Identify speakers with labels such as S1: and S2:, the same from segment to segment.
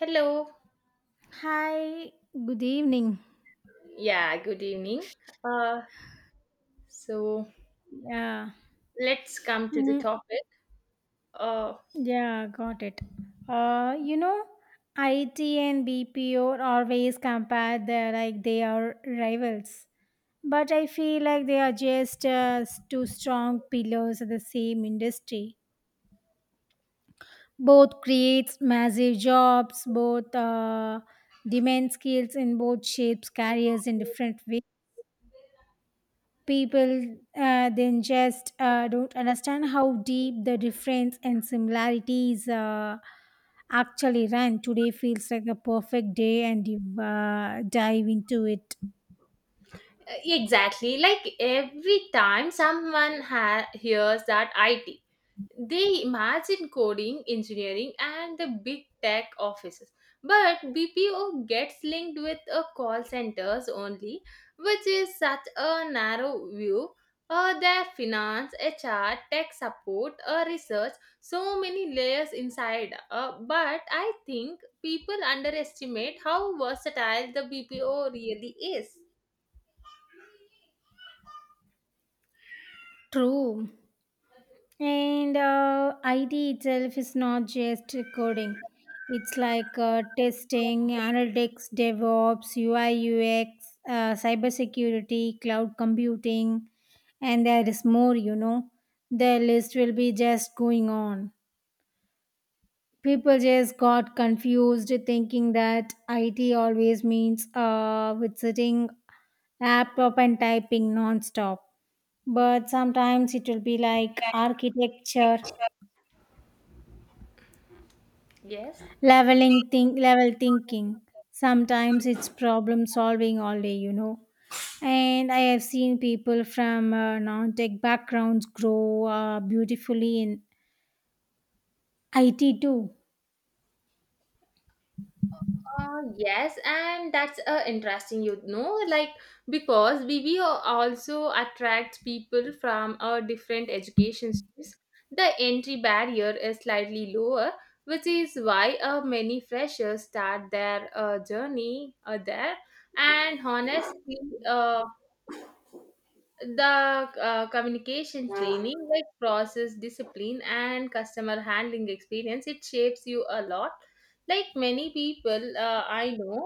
S1: Hello.
S2: Hi, good evening.
S1: Yeah, good evening. Uh, so
S2: Yeah.
S1: let's come to the
S2: Mhm.
S1: topic. Uh,
S2: Yeah, got it. Uh, you know, IT and BPO are always compared. They are rivals, but I feel like they are just two strong pillars of the same industry. Both creates massive jobs, both demand skills, and both shapes careers in different ways. People then just don't understand how deep the difference and similarities actually run. Today feels like a perfect day and you dive into it.
S1: exactly. Like every time someone hears that IT, they imagine coding, engineering, and the big tech offices. But BPO gets linked with a call centers only, which is such a narrow view. Their finance, HR, tech support, research, so many layers inside. But I think people underestimate how versatile the BPO really is.
S2: True. And IT itself is not just coding. It's like testing, analytics, DevOps, UI, UX, cybersecurity, cloud computing, and there is more. The list will be just going on. People just got confused thinking that IT always means with sitting laptop and typing non-stop. But sometimes it will be like architecture
S1: Yes.
S2: level thinking. Sometimes it's problem solving all day. And I have seen people from non-tech backgrounds grow beautifully in it too.
S1: Yes, and that's interesting, you know, like because BBO also attracts people from different education systems. The entry barrier is slightly lower, which is why many freshers start their journey there. And honestly, uh, the communication training like process discipline and customer handling experience, it shapes you a lot, like many people I know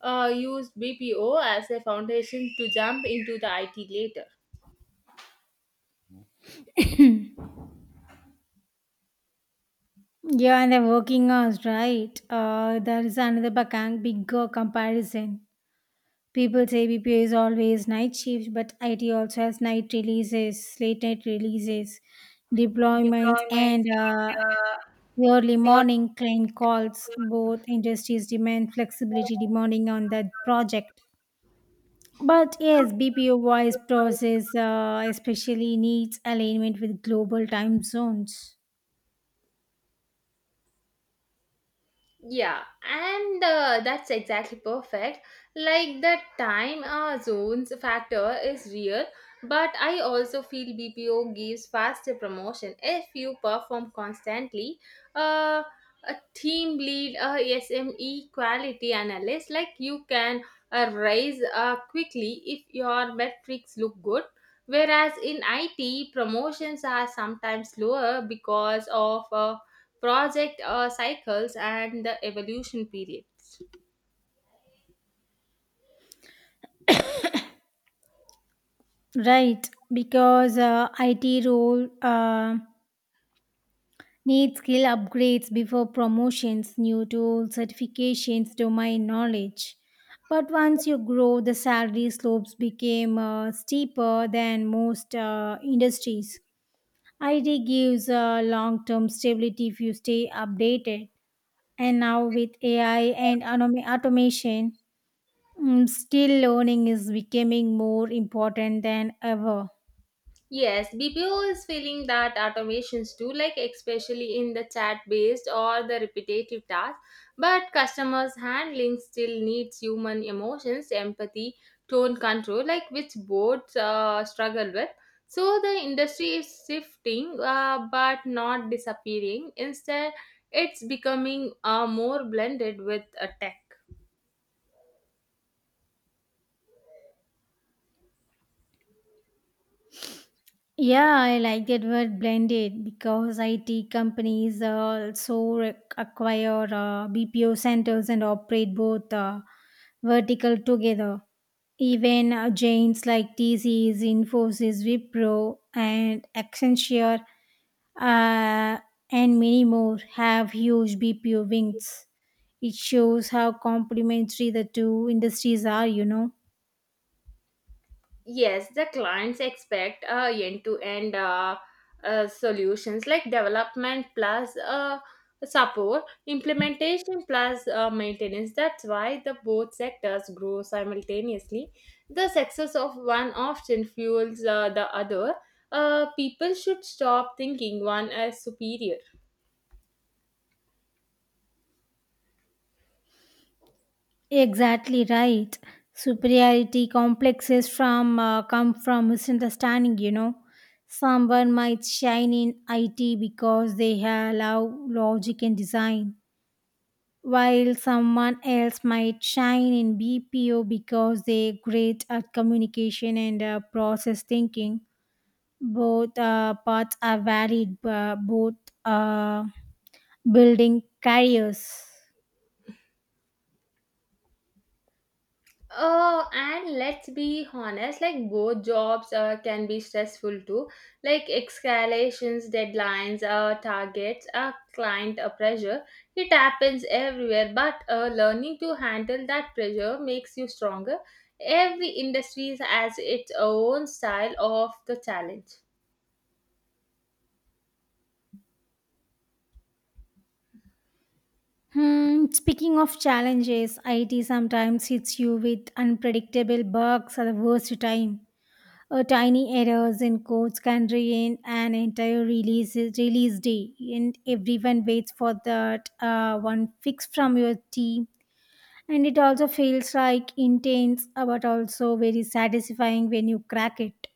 S1: use BPO as a foundation to jump into the IT later.
S2: Yeah, and the working hours, right? There is another bigger comparison. People say BPO is always night shift, but it also has night releases late night releases, deployments,
S1: Deployments
S2: and
S1: and
S2: the early
S1: uh,
S2: morning client calls. Both industries demand flexibility demanding on that project. But yes, BPO voice
S1: your
S2: process especially needs alignment with global time zones.
S1: Yeah, and that's exactly perfect. Like the time zones factor is real, but I also feel BPO gives faster promotion if you perform constantly. Uh, a team lead, a SME quality analyst, like you can rise quickly if your metrics look good. Whereas in IT, promotions are sometimes slower because of project cycles and the evolution periods.
S2: Right, because IT role needs skill upgrades before promotions, new tools, certifications, domain knowledge. But once you grow, the salary slopes became steeper than most industries. ID gives long-term stability if you stay updated. And now with AI and automation, skill learning is becoming more important than ever.
S1: Yes, BPO is feeling that automations do, like especially in the chat based or the repetitive tasks, but customers handling still needs human emotions, empathy, tone control, like which both struggle with. So the industry is shifting, but not disappearing. Instead, it's becoming more blended with a tech.
S2: Yeah, I like that word blended because IT companies also acquire BPO centers and operate both vertical together. Even giants like TCS, Infosys, Wipro, and Accenture, and many more have huge BPO wings. It shows how complementary the two industries are.
S1: Yes, the clients expect end-to-end solutions like development plus support, implementation plus maintenance. That's why the both sectors grow simultaneously. The success of one often fuels the other. People should stop thinking one as superior.
S2: Exactly right. Superiority complexes from come from misunderstanding. You know, someone might shine in IT because they have love logic and design, while someone else might shine in BPO because they're great at communication and process thinking. Both paths are valid, but both uh, building careers.
S1: And let's be honest, like both jobs can be stressful too. Like escalations, deadlines, targets, client pressure. It happens everywhere, but learning to handle that pressure makes you stronger. Every industry has its own style of the challenge.
S2: Hmm, speaking of challenges, IT sometimes hits you with unpredictable bugs at the worst time. Tiny errors in codes can ruin an entire release day, and everyone waits for that one fix from your team. And it also feels like intense, but also very satisfying when you crack it.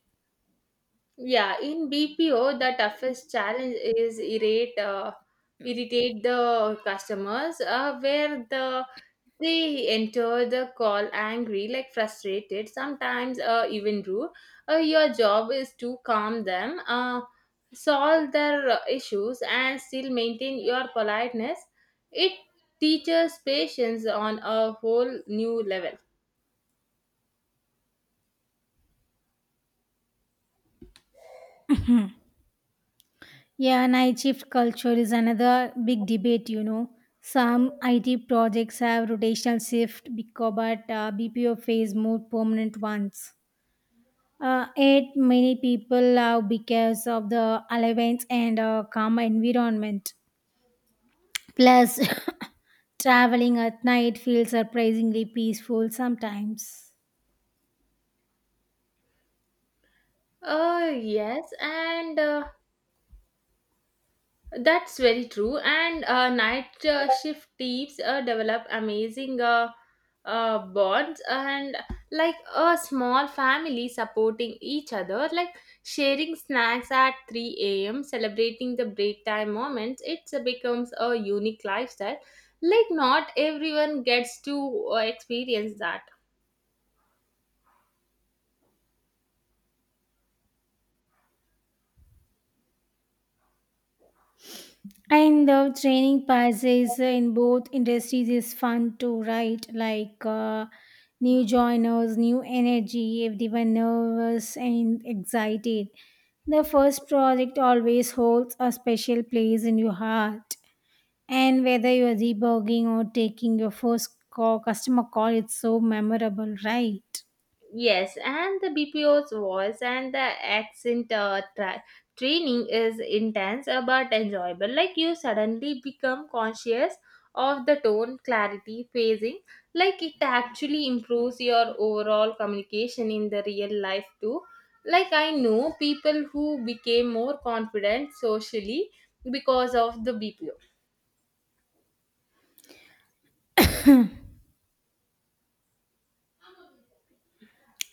S1: Yeah, in BPO, the toughest challenge is irritate the customers, where they enter the call angry, like frustrated, sometimes even rude. Your job is to calm them, solve their issues, and still maintain your politeness. It teaches patience on a whole new level.
S2: Yeah, night shift culture is another big debate. Some IT projects have rotational shift, but BPO face more permanent ones. Yet many people love because of the allowance and calm environment. Plus, traveling at night feels surprisingly peaceful sometimes.
S1: Yes, and. That's very true. And night shift teams develop amazing bonds and like a small family supporting each other, like sharing snacks at 3 a.m., celebrating the break time moments. It becomes a unique lifestyle. Like, not everyone gets to experience that.
S2: And the training passes in both industries is fun too, right? Like new joiners, new energy, everyone nervous and excited. The first project always holds a special place in your heart. And whether you are debugging or taking your first call, customer call, it's so memorable, right?
S1: Yes, and the BPO's voice and the accent training is intense but enjoyable. Like you suddenly become conscious of the tone, clarity, phasing. Like it actually improves your overall communication in the real life too. Like I know people who became more confident socially because of the BPO.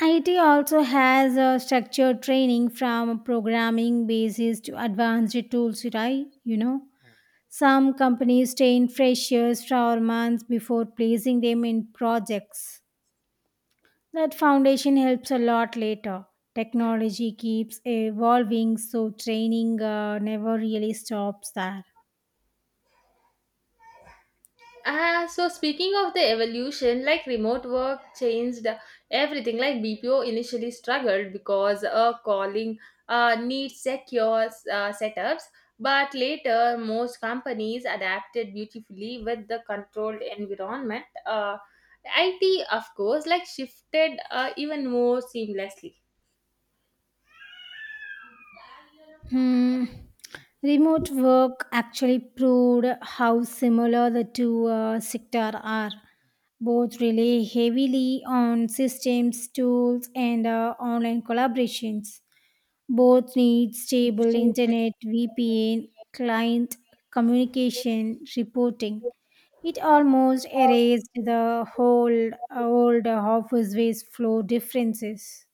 S2: IT also has a structured training from programming basis to advanced tools, right? You know? Some companies train freshers for months before placing them in projects. That foundation helps a lot later. Technology keeps evolving, so training never really stops there.
S1: Ah, so speaking of the evolution, like remote work changed everything. Like BPO initially struggled because calling needs secure setups, but later most companies adapted beautifully with the controlled environment. IT, of course, like shifted even more seamlessly.
S2: Hmm. Remote work actually proved how similar the two sectors are. Both rely heavily on systems, tools, and online collaborations. Both need
S1: It's
S2: stable
S1: stable.
S2: internet, VPN, client communication, reporting. It almost erased the whole old office based flow differences.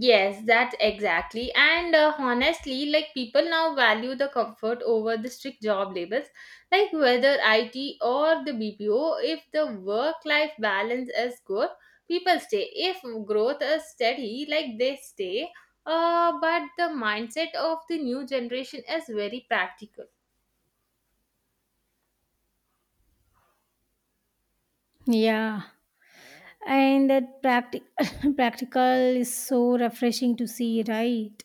S1: Yes, that exactly. And honestly, like people now value the comfort over the strict job labels, like whether IT or the BPO. If the work life balance is good, people stay. If growth is steady, like they stay. But the mindset of the new generation is very practical.
S2: Yeah, and that practical is so refreshing to see, right?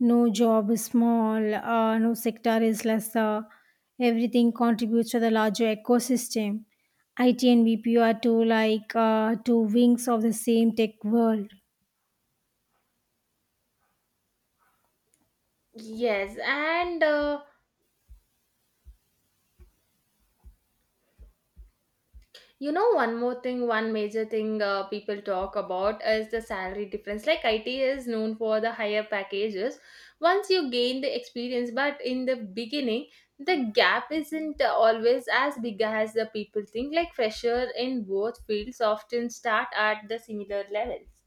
S2: No job is small, no sector is lesser. Everything contributes to the larger ecosystem. IT and BPO are two wings of the same tech world.
S1: Yes, and you know, one more thing, one major thing people talk about is the salary difference. Like IT is known for the higher packages once you gain the experience, but in the beginning, the gap isn't always as big as the people think. Like fresher in both fields often start at the similar levels.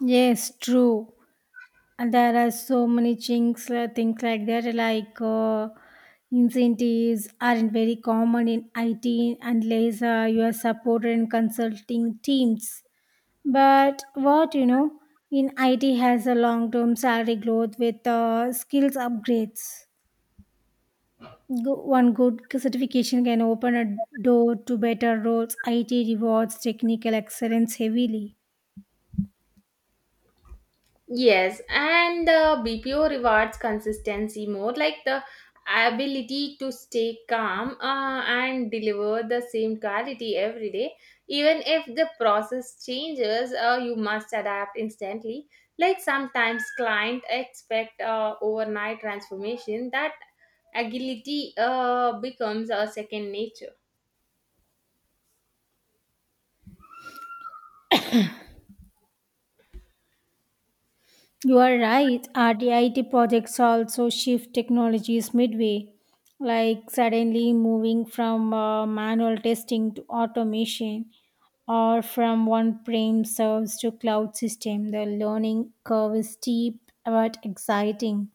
S2: Yes, true. And there are so many things like that, like incentives aren't very common in IT unless you are supported in consulting teams. But what in IT has a long-term salary growth with skills upgrades. One good certification can open a door to better roles. IT rewards technical excellence heavily.
S1: Yes, and the BPO rewards consistency more like the ability to stay calm and deliver the same quality every day. Even if the process changes, you must adapt instantly. Like sometimes client expect overnight transformation that agility becomes a second nature.
S2: You are right. RDIT projects also shift technologies midway, like suddenly moving from manual testing to automation or from one prem serves to cloud system. The learning curve is steep but exciting.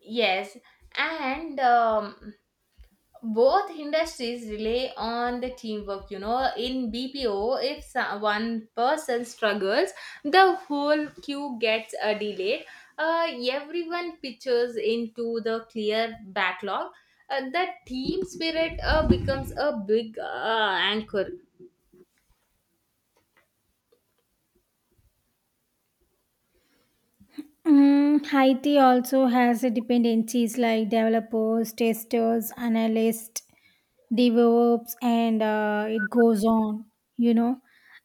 S1: Yes, and both industries rely on the teamwork, you know. In BPO, if one person struggles, the whole queue gets delayed, everyone pitches into the clear backlog, the team spirit becomes a big anchor.
S2: IT also has a dependencies like developers, testers, analysts, develops and it goes on, you know,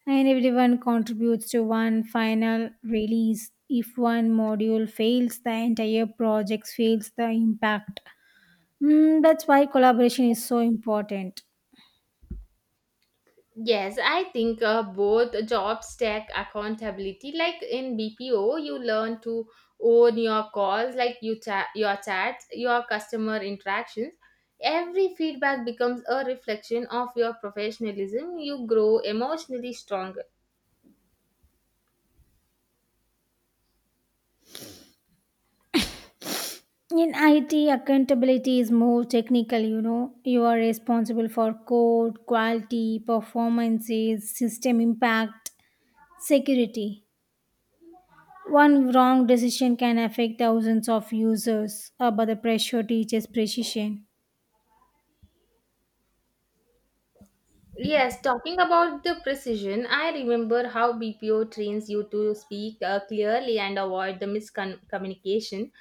S2: and everyone contributes to one final release. If one module fails, the entire project fails the impact. That's why collaboration is so important.
S1: Yes, I think both job stack accountability. Like in BPO, you learn to own your calls, like you chat, your chats, your customer interactions. Every feedback becomes a reflection of your professionalism. You grow emotionally stronger.
S2: In IT, accountability is more technical, you know. You are responsible for code, quality, performances, system impact, security. One wrong decision can affect thousands of users, but the pressure teaches precision.
S1: Yes, talking about the precision, I remember how BPO trains you to speak clearly and avoid the miscommunication.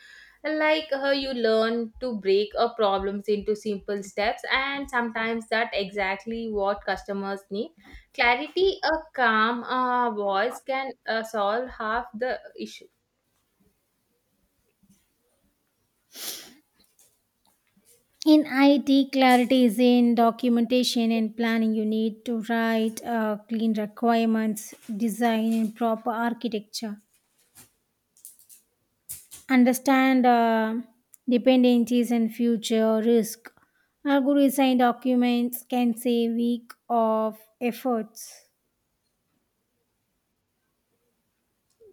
S1: Like how you learn to break a problems into simple steps, and sometimes that exactly what customers need. Clarity, a calm voice can solve half the issue.
S2: In IT, clarity is in documentation and planning. You need to write clean requirements, design and proper architecture, understand dependencies and future risk. Algorithm documents can save week of efforts.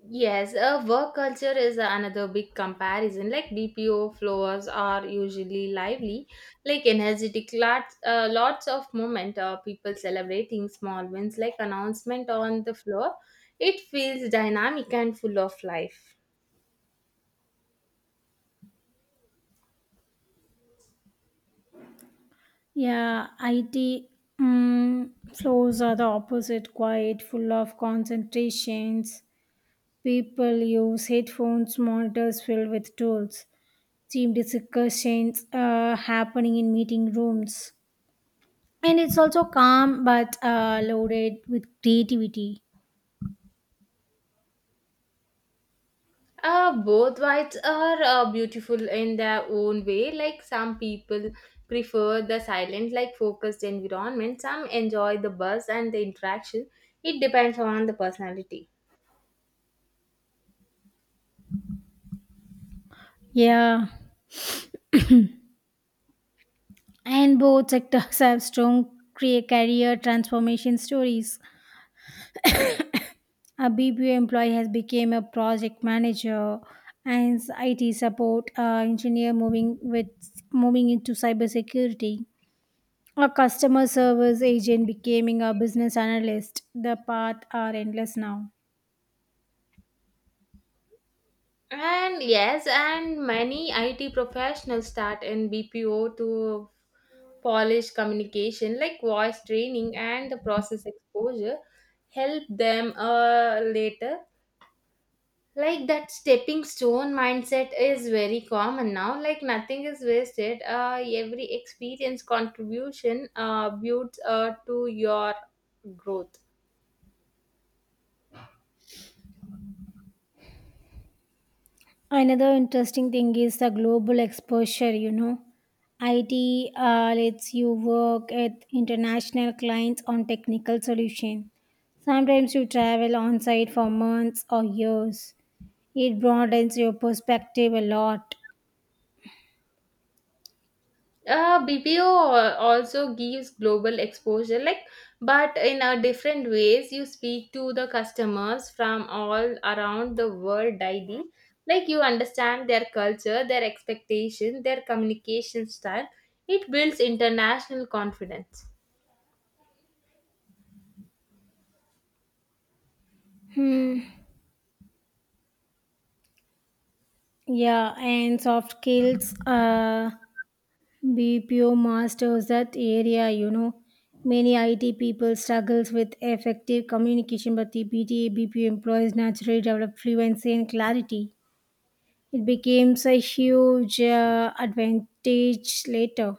S1: Yes, work culture is another big comparison. Like BPO floors are usually lively, like energetic, lots of moment. People celebrating small wins, like announcement on the floor. It feels dynamic and full of life.
S2: Yeah, IT floors are the opposite, quiet, full of concentrations. People use headphones, monitors filled with tools, team discussions happening in meeting rooms. And it's also calm but loaded with creativity.
S1: Both whites are beautiful in their own way. Like some people prefer the silent, like focused environment. Some enjoy the buzz and the interaction. It depends on the personality.
S2: Yeah, and both sectors have strong career transformation stories. A BPO employee has become a project manager and IT support engineer moving into cybersecurity. A customer service agent becoming a business analyst. The path are endless now.
S1: And yes, and many IT professionals start in BPO to polish communication, like voice training and the process exposure, help them later. Like that stepping stone mindset is very common now. Like nothing is wasted. Every experience contribution builds to your growth.
S2: Another interesting thing is the global exposure. IT lets you work at international clients on technical solution. Sometimes you travel on site for months or years. It broadens your perspective a lot.
S1: BPO also gives global exposure, like, but in a different ways. You speak to the customers from all around the world daily. Like, you understand their culture, their expectation, their communication style. It builds international confidence.
S2: Yeah, and soft skills. BPO masters that area. Many IT people struggles with effective communication, but the BTA BPO employees naturally develop fluency and clarity. It becomes a huge advantage later.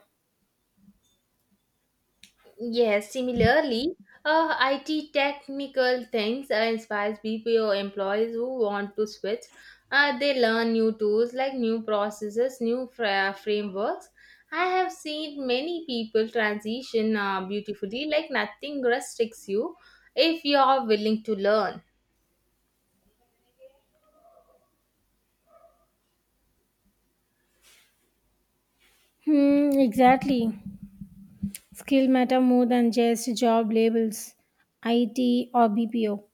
S1: Yes, similarly, IT technical things inspires BPO employees who want to switch. They learn new tools like new processes, frameworks. I have seen many people transition beautifully, like nothing restricts you if you are willing to learn.
S2: Hmm, exactly. Skill matter more than just job labels, IT or BPO.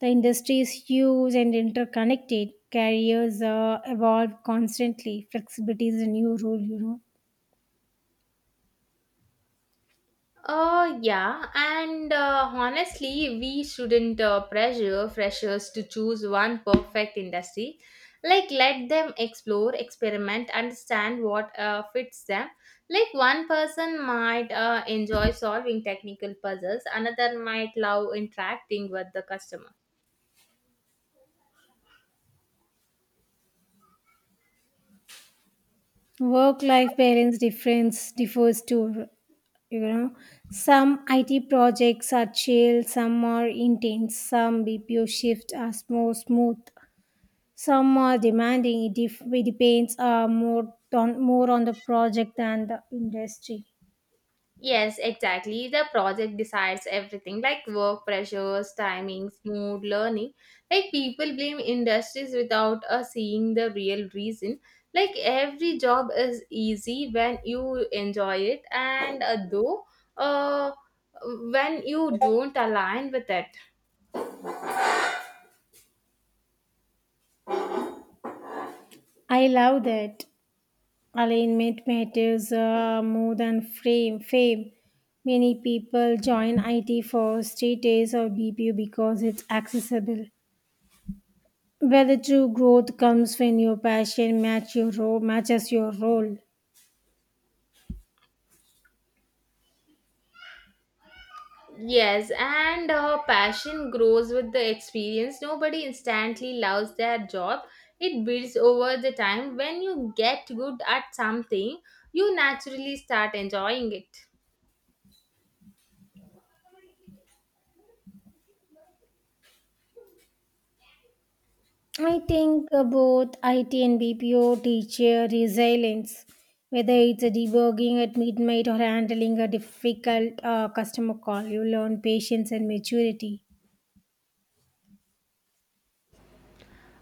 S2: The industry is huge and interconnected. Careers evolve constantly. Flexibility is a new rule.
S1: Yeah, and honestly, we shouldn't pressure freshers to choose one perfect industry. Like, let them explore, experiment, understand what fits them. Like, one person might enjoy solving technical puzzles, another might love interacting with the customer.
S2: Work life balance difference differs too you know some IT projects are chill, some are intense, some BPO shifts are more smooth, some are demanding it, it depends more on the project than the industry.
S1: Yes, exactly. The project decides everything like work pressures, timings, mood, learning. Like people blame industries without seeing the real reason. Like every job is easy when you enjoy it, and though uh, when you don't align with it.
S2: I love that. Alignment matters more than frame fame. Many people join it for status or BPO because it's accessible. Where the true growth comes when your passion matches your role.
S1: Yes, and passion grows with the experience. Nobody instantly loves their job. It builds over the time. When you get good at something, you naturally start enjoying it.
S2: I think both IT and BPO teach resilience, whether it's a debugging at midnight or handling a difficult customer call. You learn patience and maturity.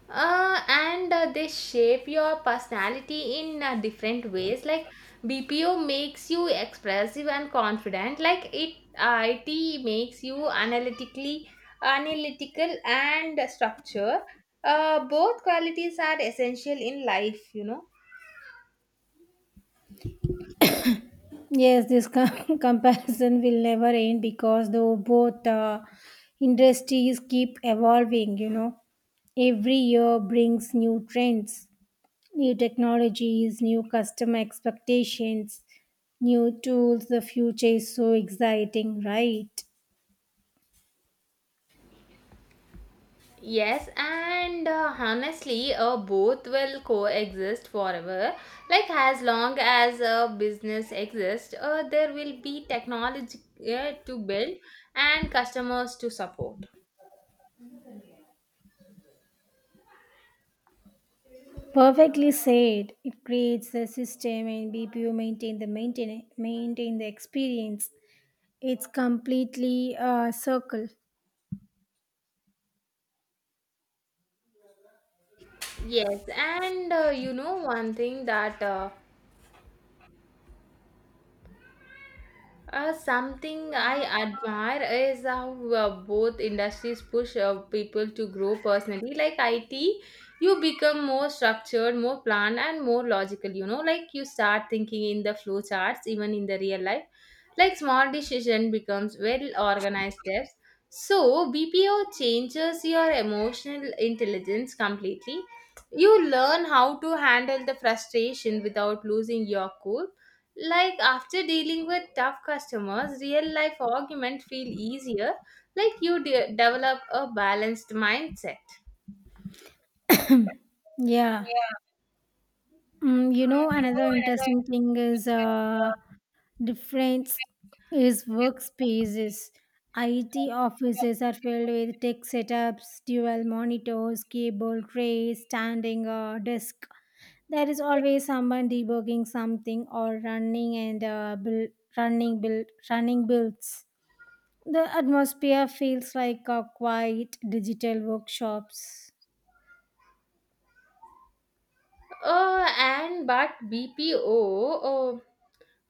S1: And they shape your personality in different ways. Like BPO makes you expressive and confident, like IT, it makes you analytical and structure. Both qualities are essential in life, you know.
S2: Yes, this comparison will never end because though both industries keep evolving, every year brings new trends. New technologies, new customer expectations, new tools. The future is so exciting, right?
S1: Yes, and honestly, both will coexist forever. Like, as long as a business exists, there will be technology to build and customers to support.
S2: Perfectly said. It creates the system and BPU maintain the maintain maintain the experience. It's completely a circle.
S1: Yes, and you know, one thing that something I admire is how both industries push people to grow personally. Like IT, you become more structured, more planned, and more logical. You know, like you start thinking in the flow charts, even in the real life. Like small decision becomes well organized steps. So BPO changes your emotional intelligence completely. You learn how to handle the frustration without losing your cool, like after dealing with tough customers, real life arguments feel easier. Like you develop a balanced mindset.
S2: Yeah. Another interesting thing is difference is workspaces. IT offices are filled with tech setups, dual monitors, keyboard trays, standing desk. There is always someone debugging something or running and build, running builds. The atmosphere feels like a quiet digital workshops.
S1: Oh, and but BPO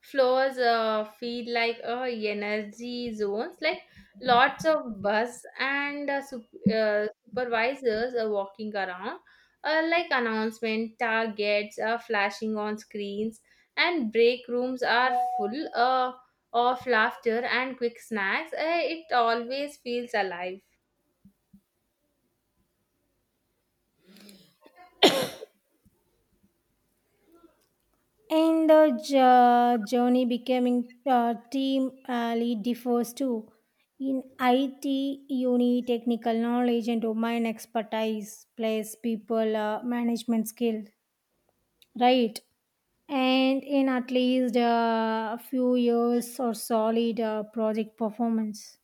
S1: floors feel like energy zones, like lots of bus and supervisors are walking around, like announcement targets are flashing on screens and break rooms are full of laughter and quick snacks. It always feels alive.
S2: And the journey becoming team lead differs too. In IT, you need technical knowledge and domain expertise, plus people management skill, right? And in at least a few years or solid project performance.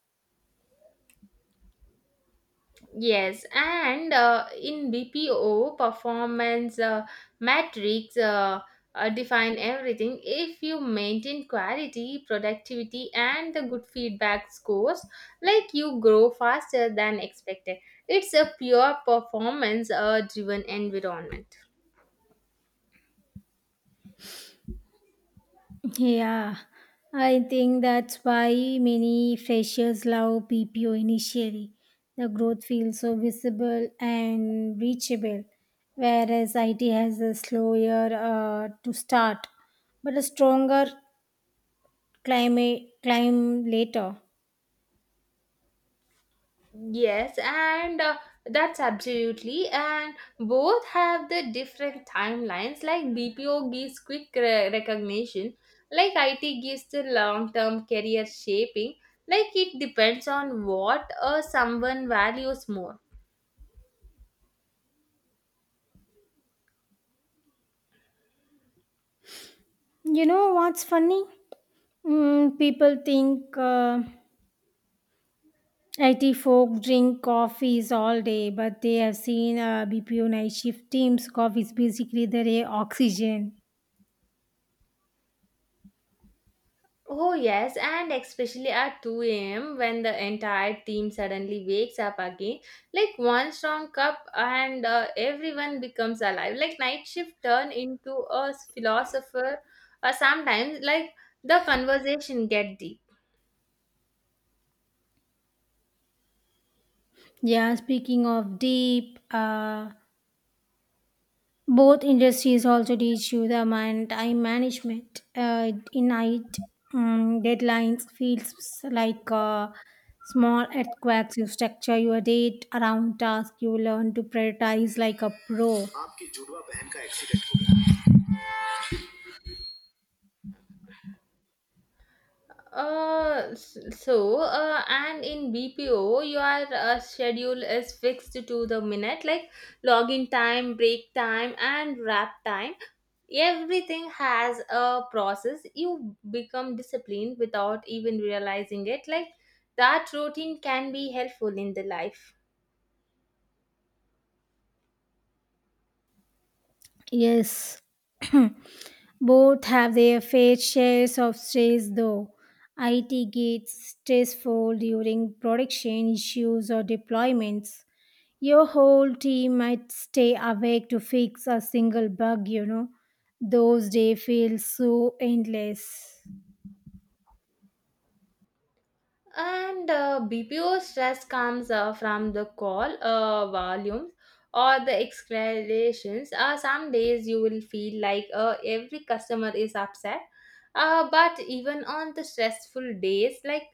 S1: Yes, and in BPO performance metrics define everything. If you maintain quality, productivity, and the good feedback scores, like you grow faster than expected. It's a pure performance driven environment.
S2: Yeah, I think that's why many freshers love PPO initially. The growth feels so visible and reachable, whereas IT has a slower to start, but a stronger climate climb later.
S1: Yes, and that's absolutely. And both have the different timelines. Like BPO gives quick recognition, like IT gives the long term career shaping. Like it depends on what someone values more.
S2: You know what's funny? People think IT folk drink coffees all day, but they have seen BPO night shift teams. Coffee is basically their oxygen.
S1: Oh, yes, and especially at 2 a.m. when the entire team suddenly wakes up again, like one strong cup, and everyone becomes alive. Like night shift turn into a philosopher, sometimes like the conversation get deep.
S2: Yeah, speaking of deep, both industries also teach you the man time management. In night, deadlines feels like small earthquakes. You structure your date around task. You learn to prioritize like a pro.
S1: And in BPO, your schedule is fixed to the minute, like login time, break time, and wrap time. Everything has a process. You become disciplined without even realizing it, like that routine can be helpful in the life.
S2: Yes, both have their fair shares of stress though. IT gets stressful during production issues or deployments. Your whole team might stay awake to fix a single bug. Those days feel so endless.
S1: And BPO stress comes from the call volumes or the escalations. Some days you will feel like every customer is upset, but even on the stressful days, like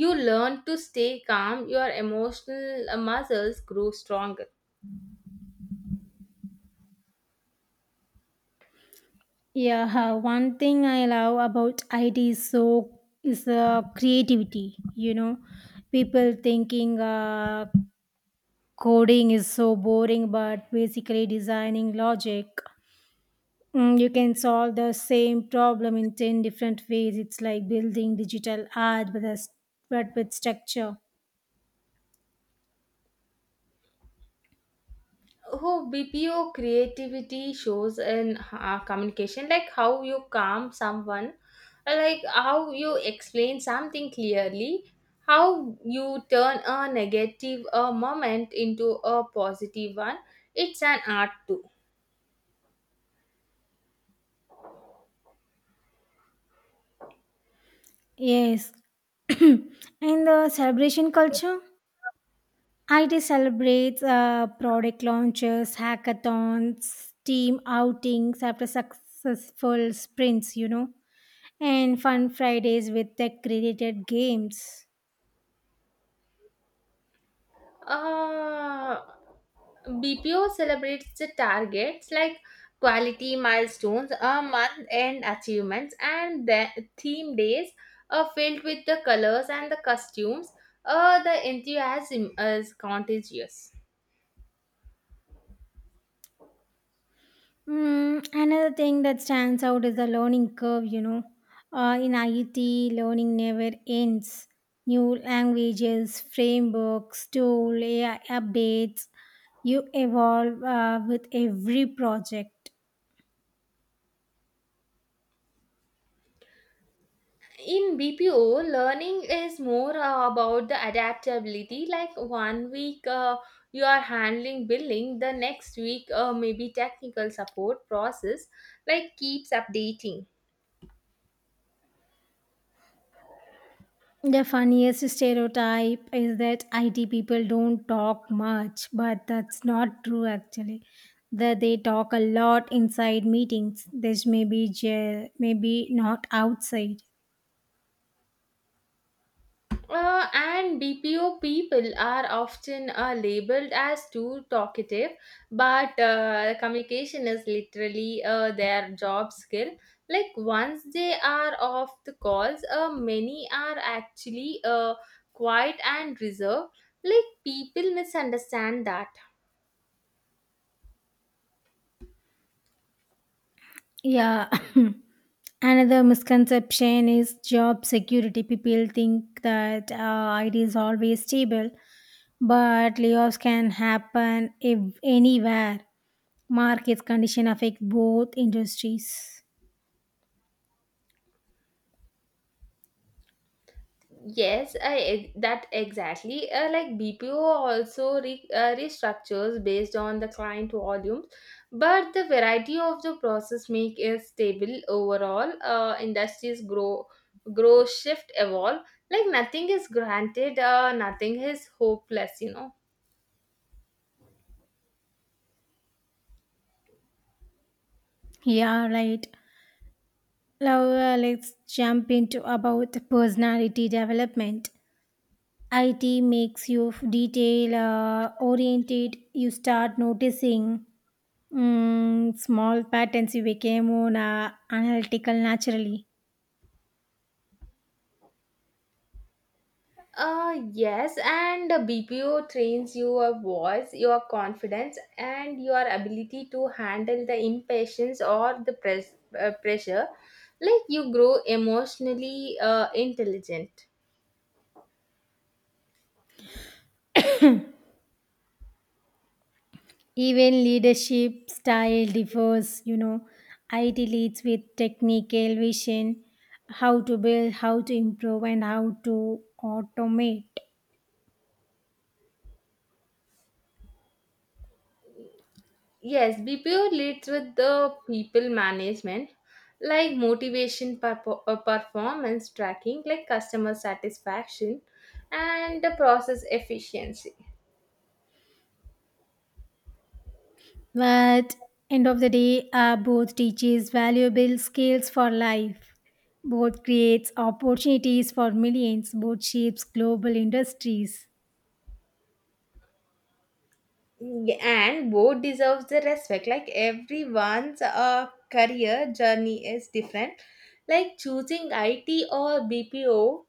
S1: you learn to stay calm. Your emotional muscles grow stronger.
S2: Yeah, one thing I love about IT is creativity. You know, people thinking coding is so boring, but basically designing logic. You can solve the same problem in 10 different ways. It's like building digital art, but with structure.
S1: Who BPO creativity shows in communication, like how you calm someone, like how you explain something clearly, how you turn a negative moment into a positive one. It's an art too.
S2: Yes. And the celebration culture? IT celebrates product launches, hackathons, team outings after successful sprints, and fun Fridays with tech related games.
S1: Uh, BPO celebrates the targets, like quality milestones, a month end achievements, and the theme days are filled with the colors and the costumes. The enthusiasm is contagious.
S2: Another thing that stands out is the learning curve. In IET, learning never ends. New languages, frameworks, tool, AI updates. You evolve with every project.
S1: In BPO, learning is more about the adaptability. Like one week you are handling billing, the next week maybe technical support process, like keeps updating.
S2: The funniest stereotype is that IT people don't talk much, but that's not true actually. That they talk a lot inside meetings. This may be, maybe not outside.
S1: And BPO people are often labeled as too talkative, but communication is literally their job skill. Like once they are off the calls, many are actually quiet and reserved. Like people misunderstand that.
S2: Yeah. Another misconception is job security. People think that it is always stable, but layoffs can happen if anywhere. Market condition affect both industries.
S1: Yes, that exactly. Like BPO also restructures based on the client volumes, but the variety of the process make is stable overall. Industries grow, shift, evolve. Like nothing is granted. Nothing is hopeless, you know.
S2: Yeah, right. Now let's jump into about personality development. IT makes you detail oriented. You start noticing small patterns. You became more analytical naturally.
S1: Yes, and the BPO trains your voice, your confidence, and your ability to handle the impatience or the pressure. Like you grow emotionally intelligent.
S2: Even leadership style differs, you know. IT leads with technical vision, how to build, how to improve, and how to automate.
S1: Yes, BPO leads with the people management, like motivation, performance tracking, like customer satisfaction, and the process efficiency.
S2: But end of the day, both teaches valuable skills for life. Both creates opportunities for millions. Both shapes global industries.
S1: Yeah, and both deserves the respect, like everyone's career journey is different. Like choosing it or bpo,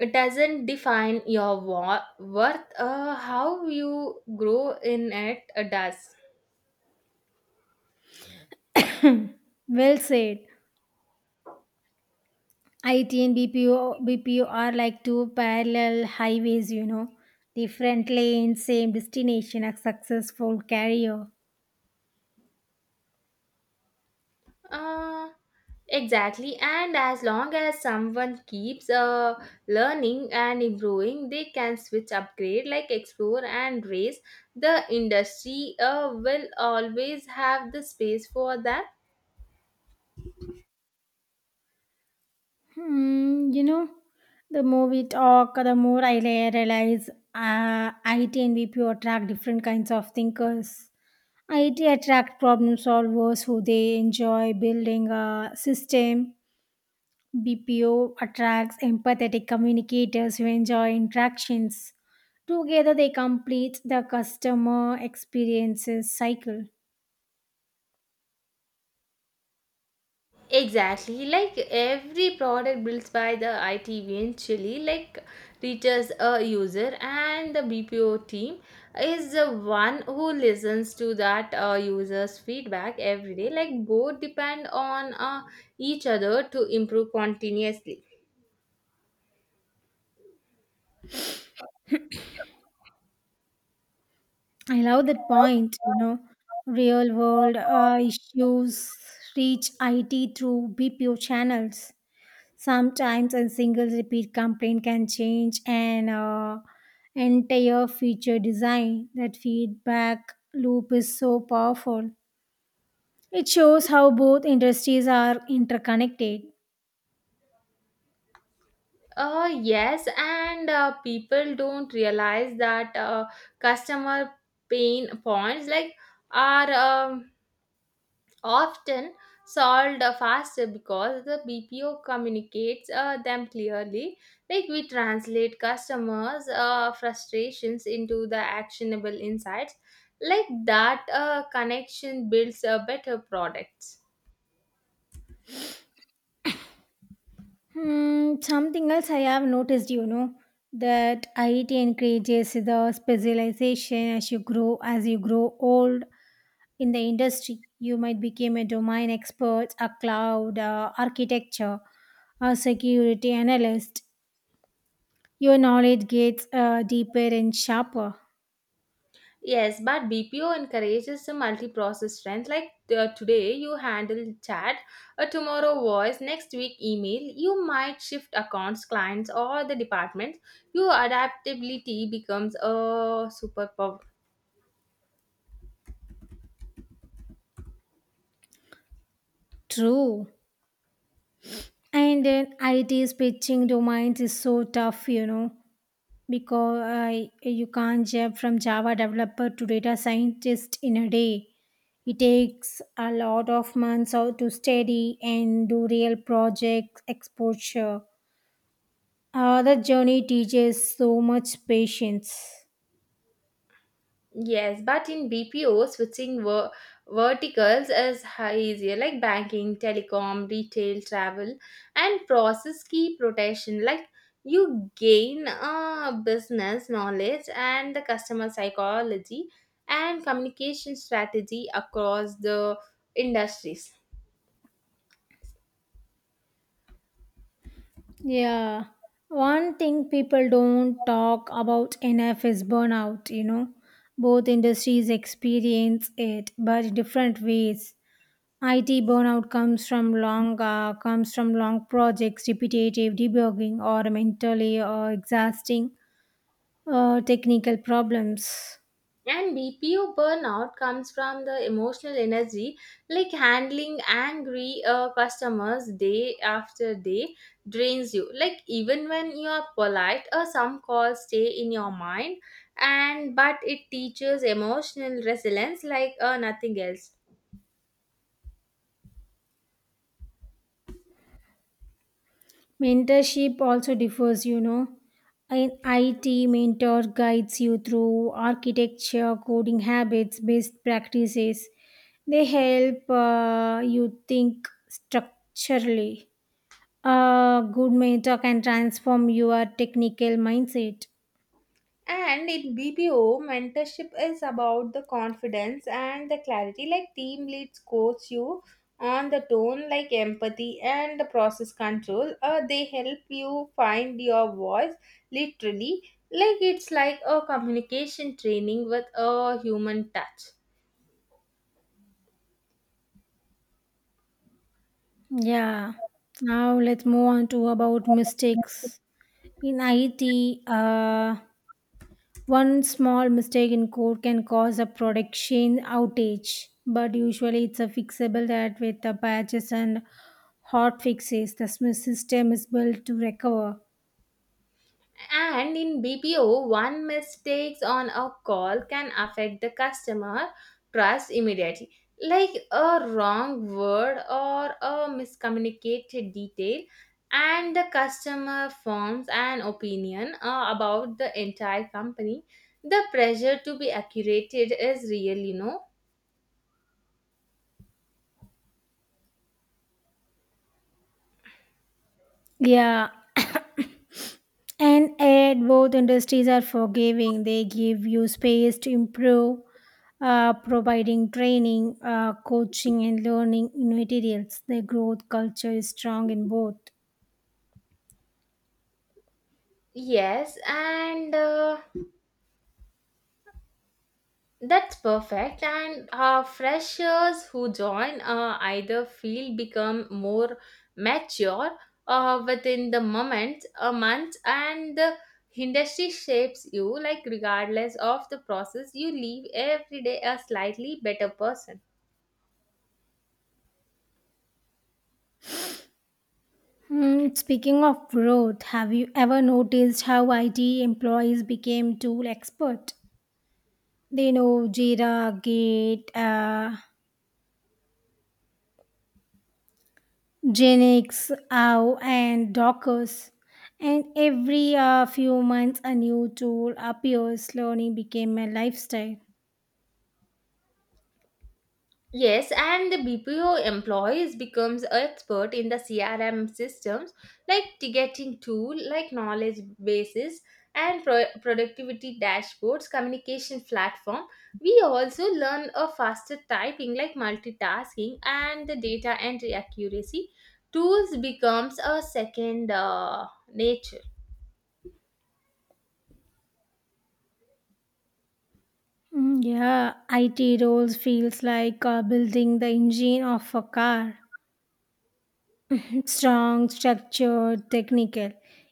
S1: it doesn't define your worth. How you grow in it does.
S2: Well said. IT and BPO are like two parallel highways, you know, different lanes, same destination, a successful career.
S1: uh, exactly, and as long as someone keeps learning and improving, they can switch, upgrade, like explore and raise, the industry will always have the space for that.
S2: Hmm, you know, the more we talk, the more realize IT and BPO attract different kinds of thinkers. IT attract problem solvers who they enjoy building a system. BPO attracts empathetic communicators who enjoy interactions. Together, they complete the customer experiences cycle.
S1: Exactly, like every product built by the IT eventually, like reaches a user, and the BPO team is the one who listens to that user's feedback every day. Like both depend on each other to improve continuously.
S2: I love that point. You know, real world issues reach IT through BPO channels. Sometimes a single repeat complaint can change an entire feature design. That feedback loop is so powerful. It shows how both industries are interconnected.
S1: Yes, and people don't realize that customer pain points, like are. Often solved faster because the BPO communicates them clearly. Like we translate customers' frustrations into the actionable insights. Like that connection builds a better products.
S2: Hmm, something else I have noticed, you know, that IT encourages the specialization as you grow old in the industry. You might become a domain expert, a cloud architecture, a security analyst. Your knowledge gets deeper and sharper.
S1: Yes, but BPO encourages a multi-process strength. Like today, you handle chat, tomorrow voice, next week email. You might shift accounts, clients, or the departments. Your adaptability becomes a superpower.
S2: True. And then IT's pitching domains is so tough, you know, because you can't jump from Java developer to data scientist in a day. It takes a lot of months out to study and do real project exposure. The journey teaches so much patience.
S1: Yes, but in BPO, switching verticals is easier, like banking, telecom, retail, travel, and process key protection. Like you gain business knowledge and the customer psychology and communication strategy across the industries.
S2: Yeah. One thing people don't talk about enough is burnout, you know. Both industries experience it, but in different ways. IT burnout comes from long projects, repetitive debugging, or mentally exhausting technical problems.
S1: And BPO burnout comes from the emotional energy, like handling angry customers day after day drains you. Like even when you are polite, some calls stay in your mind, and but it teaches emotional resilience, like nothing else.
S2: Mentorship also differs, you know. An IT mentor guides you through architecture, coding habits, best practices. They help you think structurally. A good mentor can transform your technical mindset.
S1: And in BPO, mentorship is about the confidence and the clarity. Like team leads coach you on the tone, like empathy and the process control. They help you find your voice literally. Like it's like a communication training with a human touch.
S2: Yeah. Now let's move on to about mistakes. In IT, one small mistake in code can cause a production outage, but usually it's a fixable that with the patches and hot fixes, the system is built to recover.
S1: And in BPO, one mistakes on a call can affect the customer trust immediately. Like a wrong word or a miscommunicated detail, and the customer forms an opinion about the entire company. The pressure to be accurate is real, you know.
S2: Yeah, and at both industries are forgiving. They give you space to improve, providing training, coaching, and learning materials. The growth culture is strong in both.
S1: Yes, and that's perfect. And Freshers who join either field become more mature within the moment, a month, and the industry shapes you, like, regardless of the process, you leave every day a slightly better person.
S2: Hmm, speaking of growth, have you ever noticed how IT employees became tool expert? They know Jira, Git, Genix, OW, and Dockers. And every few months, a new tool appears. Learning became a lifestyle.
S1: Yes, and the BPO employees becomes expert in the CRM systems, like ticketing tool, like knowledge bases and productivity dashboards, communication platform. We also learn a faster typing, like multitasking and the data entry accuracy. Tools becomes a second nature.
S2: Mm, yeah, IT roles feels like building the engine of a car. Strong, structured, technical,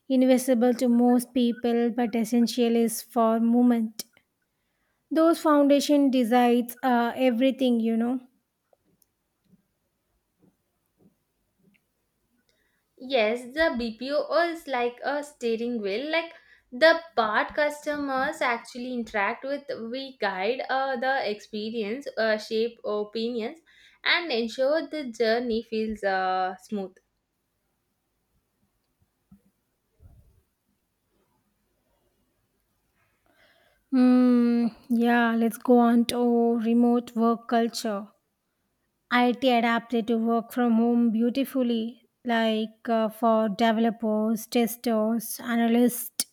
S2: invisible to most people, but essential is for movement. Those foundation decides everything, you know.
S1: Yes, the BPO is like a steering wheel. Like the part customers actually interact with, we guide the experience, shape opinions, and ensure the journey feels smooth.
S2: Mm, yeah, let's go on to remote work culture. IT adapted to work from home beautifully, like for developers, testers, analysts,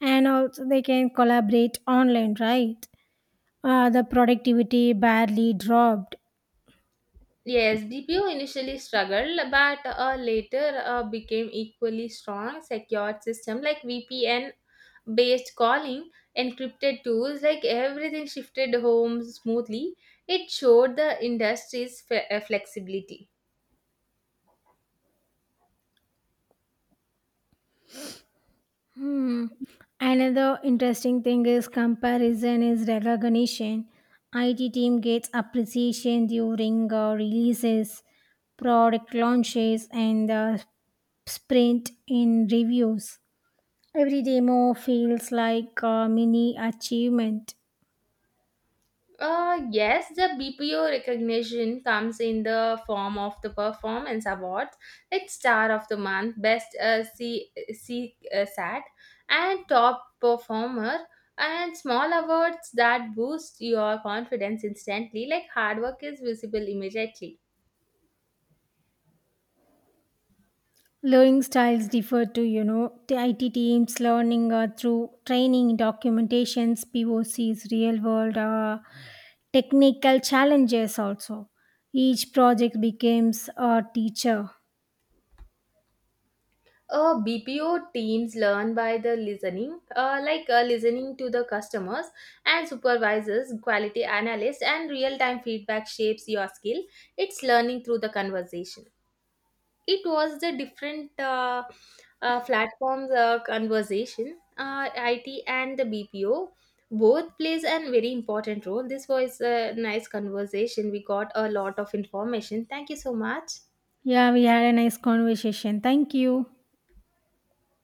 S2: and also they can collaborate online, right? The productivity barely dropped.
S1: Yes, BPO initially struggled, but later became equally strong secured system like VPN based calling, encrypted tools, like everything shifted home smoothly. It showed the industry's flexibility.
S2: Hmm. Another interesting thing is comparison is recognition. IT team gets appreciation during releases, product launches, and sprint in reviews. Every demo feels like a mini achievement.
S1: Yes, the BPO recognition comes in the form of the performance awards, like Star of the Month, Best C, C SAT, and Top Performer, and small awards that boost your confidence instantly, like hard work is visible immediately.
S2: Learning styles differ too, you know. The IT teams learning through training, documentations, POCs, real world technical challenges also. Each project becomes a teacher.
S1: BPO teams learn by the listening, listening to the customers and supervisors, quality analysts, and real time feedback shapes your skill. It's learning through the conversation. It was the different platforms conversation. IT and the BPO both plays a very important role. This was a nice conversation. We got a lot of information. Thank you so much.
S2: Yeah, we had a nice conversation. Thank you.